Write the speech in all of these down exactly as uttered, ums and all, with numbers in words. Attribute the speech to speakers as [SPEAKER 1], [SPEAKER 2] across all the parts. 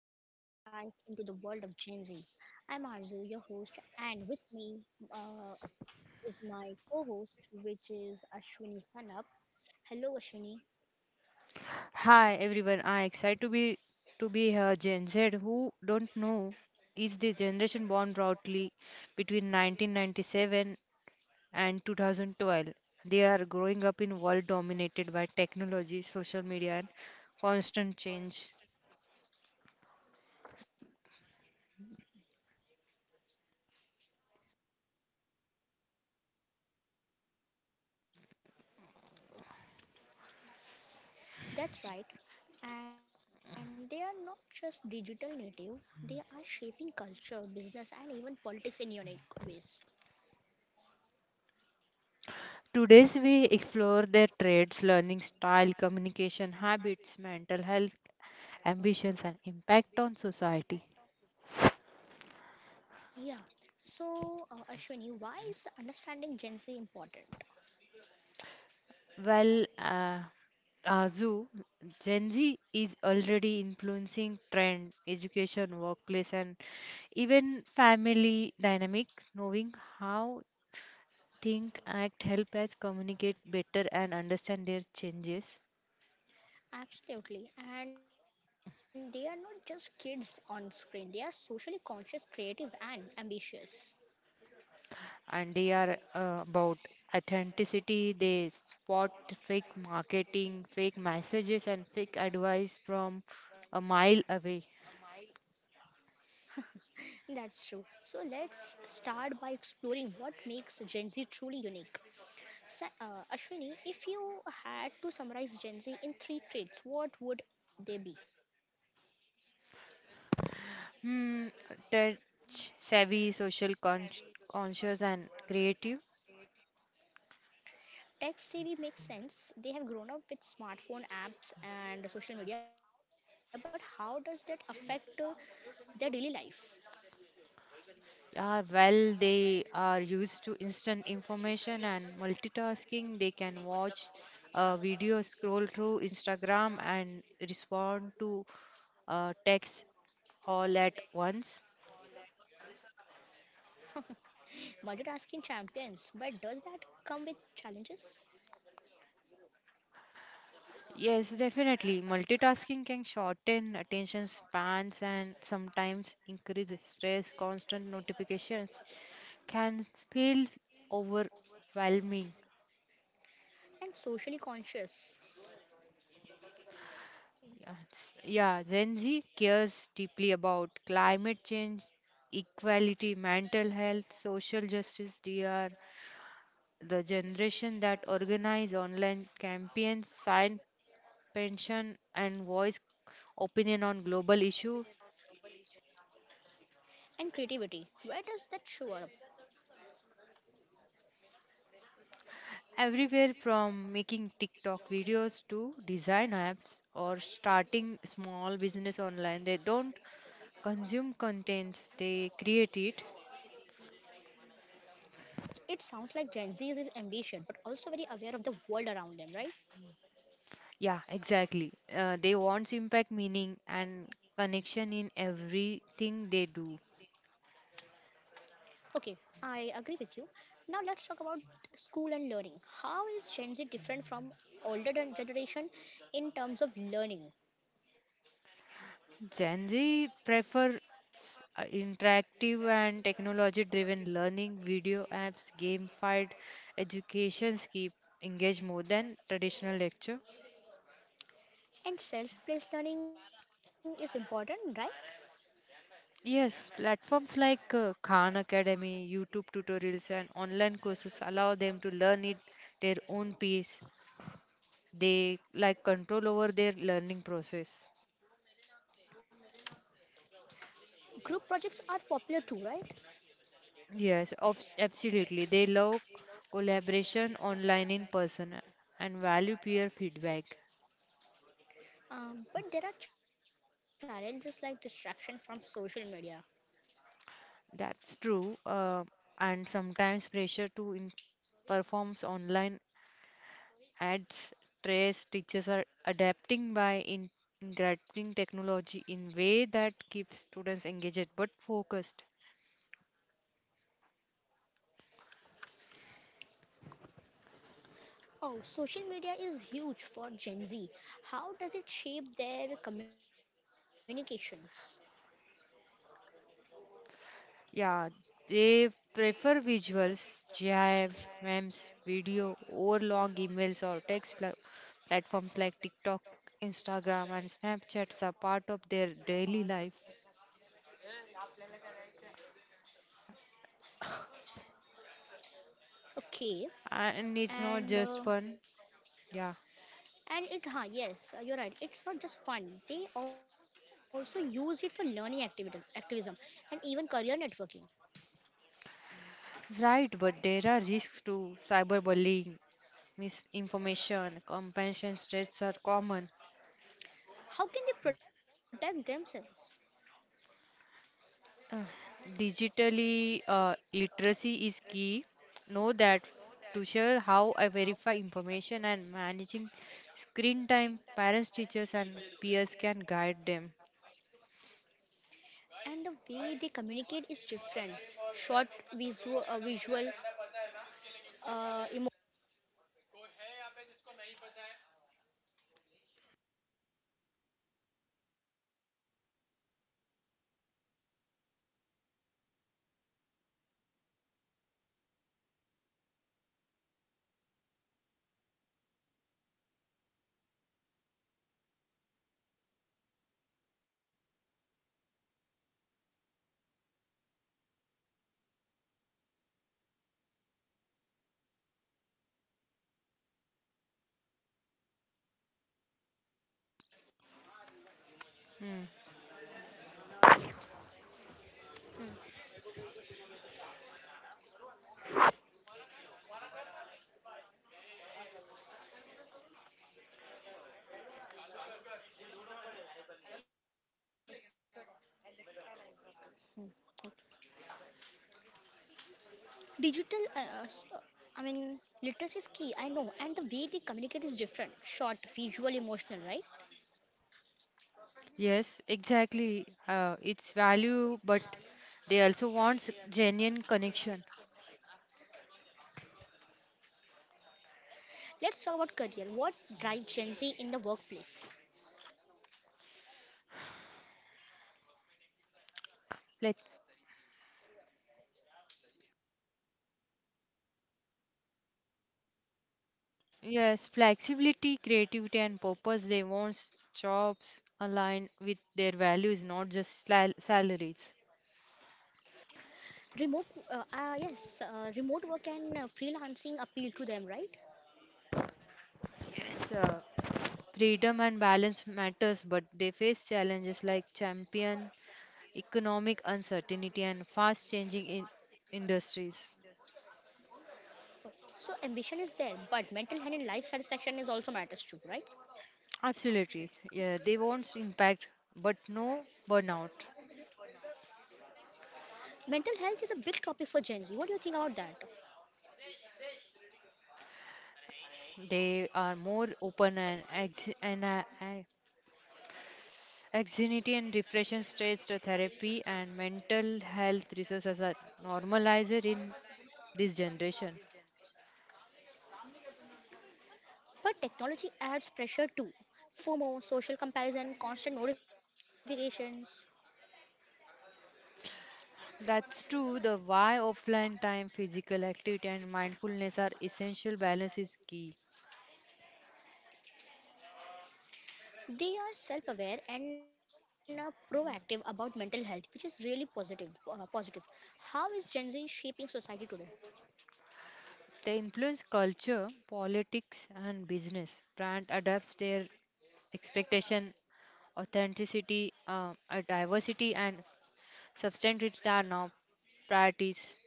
[SPEAKER 1] our deep dive into the world of Gen Z. I'm Arzu, your host, and with me uh, is my co host, which is Ashwini Sanap. Hello, Ashwini.
[SPEAKER 2] Hi everyone, I excited to be to be here. Gen Z, who don't know, is the generation born broadly between nineteen ninety-seven and twenty twelve. They are growing up in a world dominated by technology, social media, and constant change.
[SPEAKER 1] That's right. And they are not just digital native, they are shaping culture, business, and even politics in unique ways.
[SPEAKER 2] Today's we explore their traits, learning style, communication habits, mental health, ambitions, and impact on society.
[SPEAKER 1] Yeah. So, uh, Ashwini, why is understanding Gen Z important?
[SPEAKER 2] Well, uh, uh, Gen Z is already influencing trend, education, workplace, and even family dynamic. Knowing how think act help us communicate better and understand their changes.
[SPEAKER 1] Absolutely. And they are not just kids on screen, they are socially conscious, creative, and ambitious.
[SPEAKER 2] And they are uh, about authenticity. They spot fake marketing, fake messages, and fake advice from a mile away.
[SPEAKER 1] That's true. So let's start by exploring what makes Gen Z truly unique. Sa- uh, Ashwini, if you had to summarize Gen Z in three traits, what would they be?
[SPEAKER 2] Hmm, Tech savvy, social con conscious, and creative.
[SPEAKER 1] Tech savvy makes sense. They have grown up with smartphone apps and social media, but how does that affect uh, their daily life?
[SPEAKER 2] Yeah, well, they are used to instant information and multitasking. They can watch a video, scroll through Instagram, and respond to uh, text all at once.
[SPEAKER 1] Multitasking champions, but does that come with challenges?
[SPEAKER 2] Yes, definitely. Multitasking can shorten attention spans and sometimes increase stress. Constant notifications can feel overwhelming.
[SPEAKER 1] And socially conscious
[SPEAKER 2] Yes. Yeah, Gen Z cares deeply about climate change, equality, mental health, social justice. They are the generation that organize online campaigns, sign pension, and voice opinion on global issue.
[SPEAKER 1] and creativity. Where does that show up?
[SPEAKER 2] Everywhere from making TikTok videos to design apps or starting small business online. They don't consume content, they create it.
[SPEAKER 1] It sounds like Gen Z is ambitious, but also very aware of the world around them, right?
[SPEAKER 2] Yeah, exactly. Uh, they want impact, meaning, and connection in everything they do.
[SPEAKER 1] Okay, I agree with you. Now let's talk about school and learning. How is Gen Z different from older gen- generation in terms of learning?
[SPEAKER 2] Gen Z prefer s- uh, interactive and technology-driven learning, video apps, gamified educations keep engage more than traditional lecture.
[SPEAKER 1] And self-paced learning is important, right?
[SPEAKER 2] Yes, platforms like uh, Khan Academy, YouTube tutorials, and online courses allow them to learn it their own pace. They like control over their learning process.
[SPEAKER 1] Group projects are popular too, right?
[SPEAKER 2] Yes, of, absolutely. They love collaboration online in person and value peer feedback.
[SPEAKER 1] Um, but there are challenges like distraction from social media.
[SPEAKER 2] That's true. Uh, and sometimes pressure to in- performs online adds stress. Teachers are adapting by in- integrating technology in way that keeps students engaged but focused.
[SPEAKER 1] Oh, social media is huge for Gen Z. How does it shape their communications?
[SPEAKER 2] Yeah, they prefer visuals, GIF, memes, video, or long emails or text pla- platforms like TikTok, Instagram, and Snapchats are part of their daily life.
[SPEAKER 1] Okay, and
[SPEAKER 2] And it's
[SPEAKER 1] uh,
[SPEAKER 2] not just fun. Yeah.
[SPEAKER 1] and it, huh, yes, uh, You're right. It's not just fun. They also use it for learning activities, activism, and even career networking.
[SPEAKER 2] Right, but there are risks to cyberbullying, misinformation, compassion threats are common.
[SPEAKER 1] How can they protect themselves?
[SPEAKER 2] Uh, Digitally, uh, literacy is key. Know that to share how I verify information and managing screen time, parents, teachers, and peers can guide them.
[SPEAKER 1] And the way they communicate is different. Short, visual, uh, visual, uh, emo-
[SPEAKER 2] Hmm.
[SPEAKER 1] Hmm, hmm. hmm. Digital, uh, s- uh, I mean, Literacy is key, I know, and the way they communicate is different. Short, visual, emotional, right?
[SPEAKER 2] Yes, exactly. Uh, it's value, but they also want genuine connection.
[SPEAKER 1] Let's talk about career. What drives Gen Z in the workplace?
[SPEAKER 2] Flex. Yes, flexibility, creativity, and purpose. They want jobs aligned with their values, not just sal- salaries.
[SPEAKER 1] Remote, uh, uh, yes, uh, Remote work and uh, freelancing appeal to them, right?
[SPEAKER 2] Yes, uh, Freedom and balance matters, but they face challenges like champion, economic uncertainty, and fast changing in industries.
[SPEAKER 1] Oh, so ambition is there, but mental health and life satisfaction is also matters too, right?
[SPEAKER 2] Absolutely. Yeah, they won't impact, but no burnout.
[SPEAKER 1] Mental health is a big topic for Gen Z. What do you think about that?
[SPEAKER 2] They are more open and ex- and uh, uh, anxiety and depression stress therapy and mental health resources are normalized in this generation.
[SPEAKER 1] But technology adds pressure too. FOMO, social comparison, constant notifications.
[SPEAKER 2] That's true. The why offline time, physical activity, and mindfulness are essential. Balance is key.
[SPEAKER 1] They are self-aware and uh, proactive about mental health, which is really positive. Uh, positive. How is Gen Z shaping society today?
[SPEAKER 2] They influence culture, politics, and business. Brand adapts their expectation, authenticity, uh, uh, diversity, and substantivity are now priorities.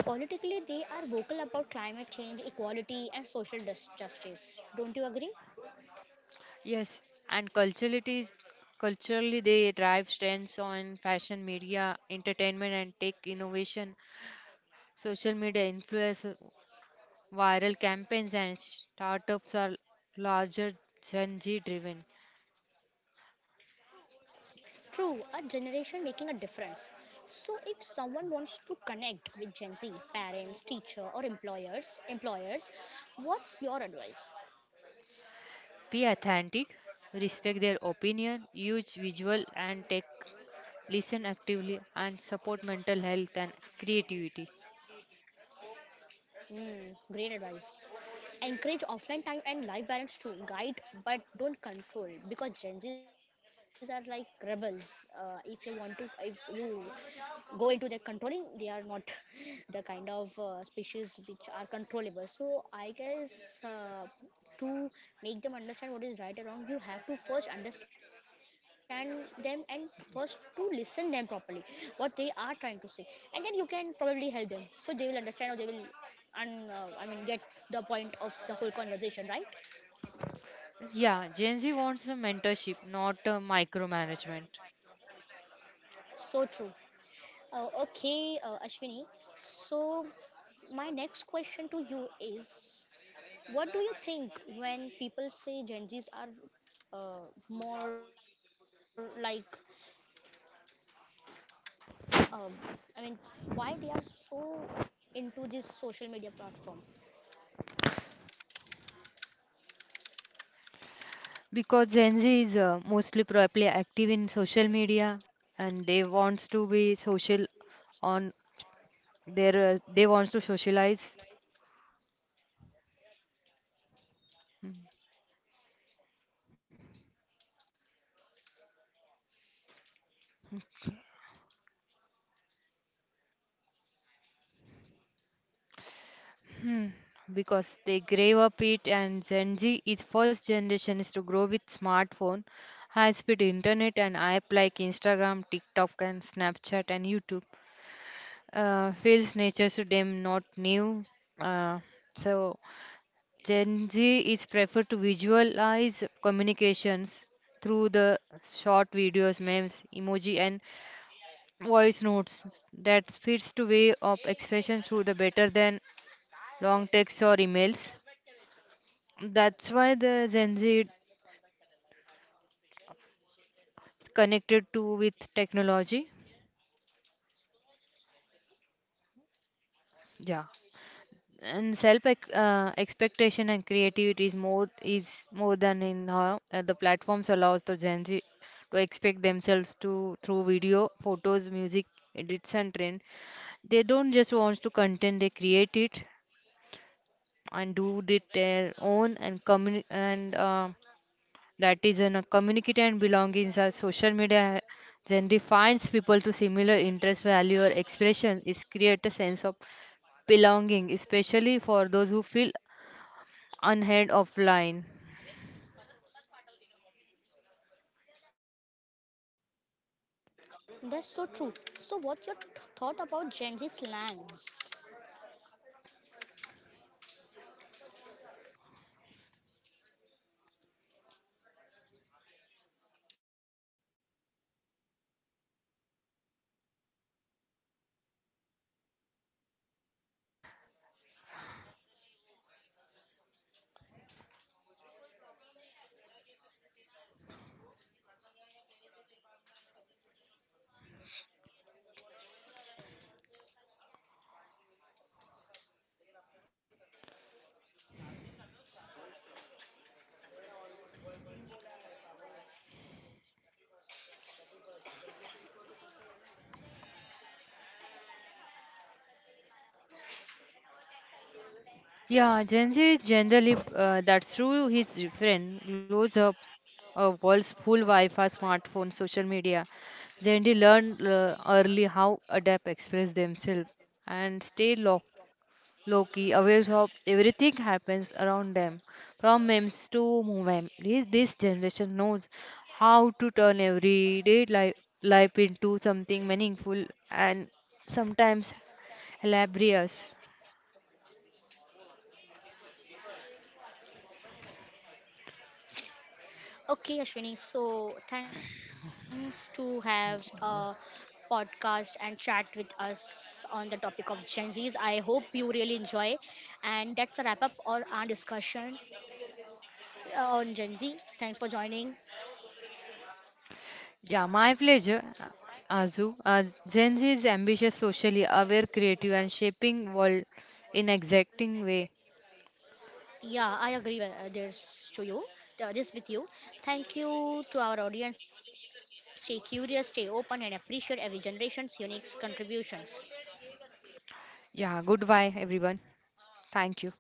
[SPEAKER 1] Politically, they are vocal about climate change, equality, and social dis- justice. Don't you agree?
[SPEAKER 2] Yes, and culturally, culturally they drive trends on fashion, media, entertainment, and tech innovation. Social media influence viral campaigns and startups are larger Gen Z driven.
[SPEAKER 1] True, a generation making a difference. So, if someone wants to connect with Gen Z, parents, teacher, or employers, employers, what's your advice?
[SPEAKER 2] Be authentic, respect their opinion, use visual and tech, listen actively, and support mental health and creativity.
[SPEAKER 1] Mm, great advice, encourage offline time and life balance too. Guide but don't control, because Gen Z's are like rebels. Uh, if you want to, if you go into their controlling, they are not the kind of uh, species which are controllable. So i guess uh, to make them understand what is right and wrong, you have to first understand them and first to listen them properly, what they are trying to say, and then you can probably help them so they will understand, or they will and uh, I mean get the point of the whole conversation, right?
[SPEAKER 2] Yeah, Gen Z wants a mentorship, not a micromanagement.
[SPEAKER 1] So true. Uh, okay, uh, Ashwini. So, my next question to you is, what do you think when people say Gen Zs are uh, more like, um, I mean, why they are so into this social media platform?
[SPEAKER 2] Because Gen Z is uh, mostly probably active in social media and they wants to be social on their uh, they wants to socialize. Because they grave up it and Gen Z is first generation is to grow with smartphone, high speed internet and app like Instagram, TikTok and Snapchat and YouTube. Uh, feels nature to them not new. Uh, so Gen Z is preferred to visualize communications through the short videos, memes, emoji and voice notes that fits to way of expression through the better than long texts or emails. That's why the Gen Z is connected to with technology. Yeah. And self ex- uh, expectation and creativity is more is more than in how uh, the platforms allows the Gen Z to expect themselves to through video, photos, music, edits and trend. They don't just want to content; they create it and do it their own and communi- and uh, that is in a community and belongings as social media then defines people to similar interest value or expression is create a sense of belonging especially for those who feel unheard offline.
[SPEAKER 1] That's so true. So, what's your th- thought about Gen Z slangs?
[SPEAKER 2] It's wait okay yeah Gen Z is generally uh, that's true he's different grows up a world's full wi-fi smartphone social media. Gen Z learned uh, early how adapt express themselves and stay locked Loki, aware of everything happens around them, from memes to movement. This, this generation knows how to turn everyday life, life into something meaningful and sometimes hilarious.
[SPEAKER 1] Okay, Ashwini. So thanks to have a podcast and chat with us on the topic of Gen Zs. I hope you really enjoy. And that's a wrap up or our discussion uh, on Gen Z. Thanks for joining.
[SPEAKER 2] Yeah, my pleasure, Azu. Uh, Gen Z is ambitious, socially aware, creative, and shaping world in exacting way.
[SPEAKER 1] Yeah, I agree with uh, this to you. Uh, this with you. Thank you to our audience. Stay curious, stay open, and appreciate every generation's unique contributions.
[SPEAKER 2] Yeah, goodbye, everyone. Thank you.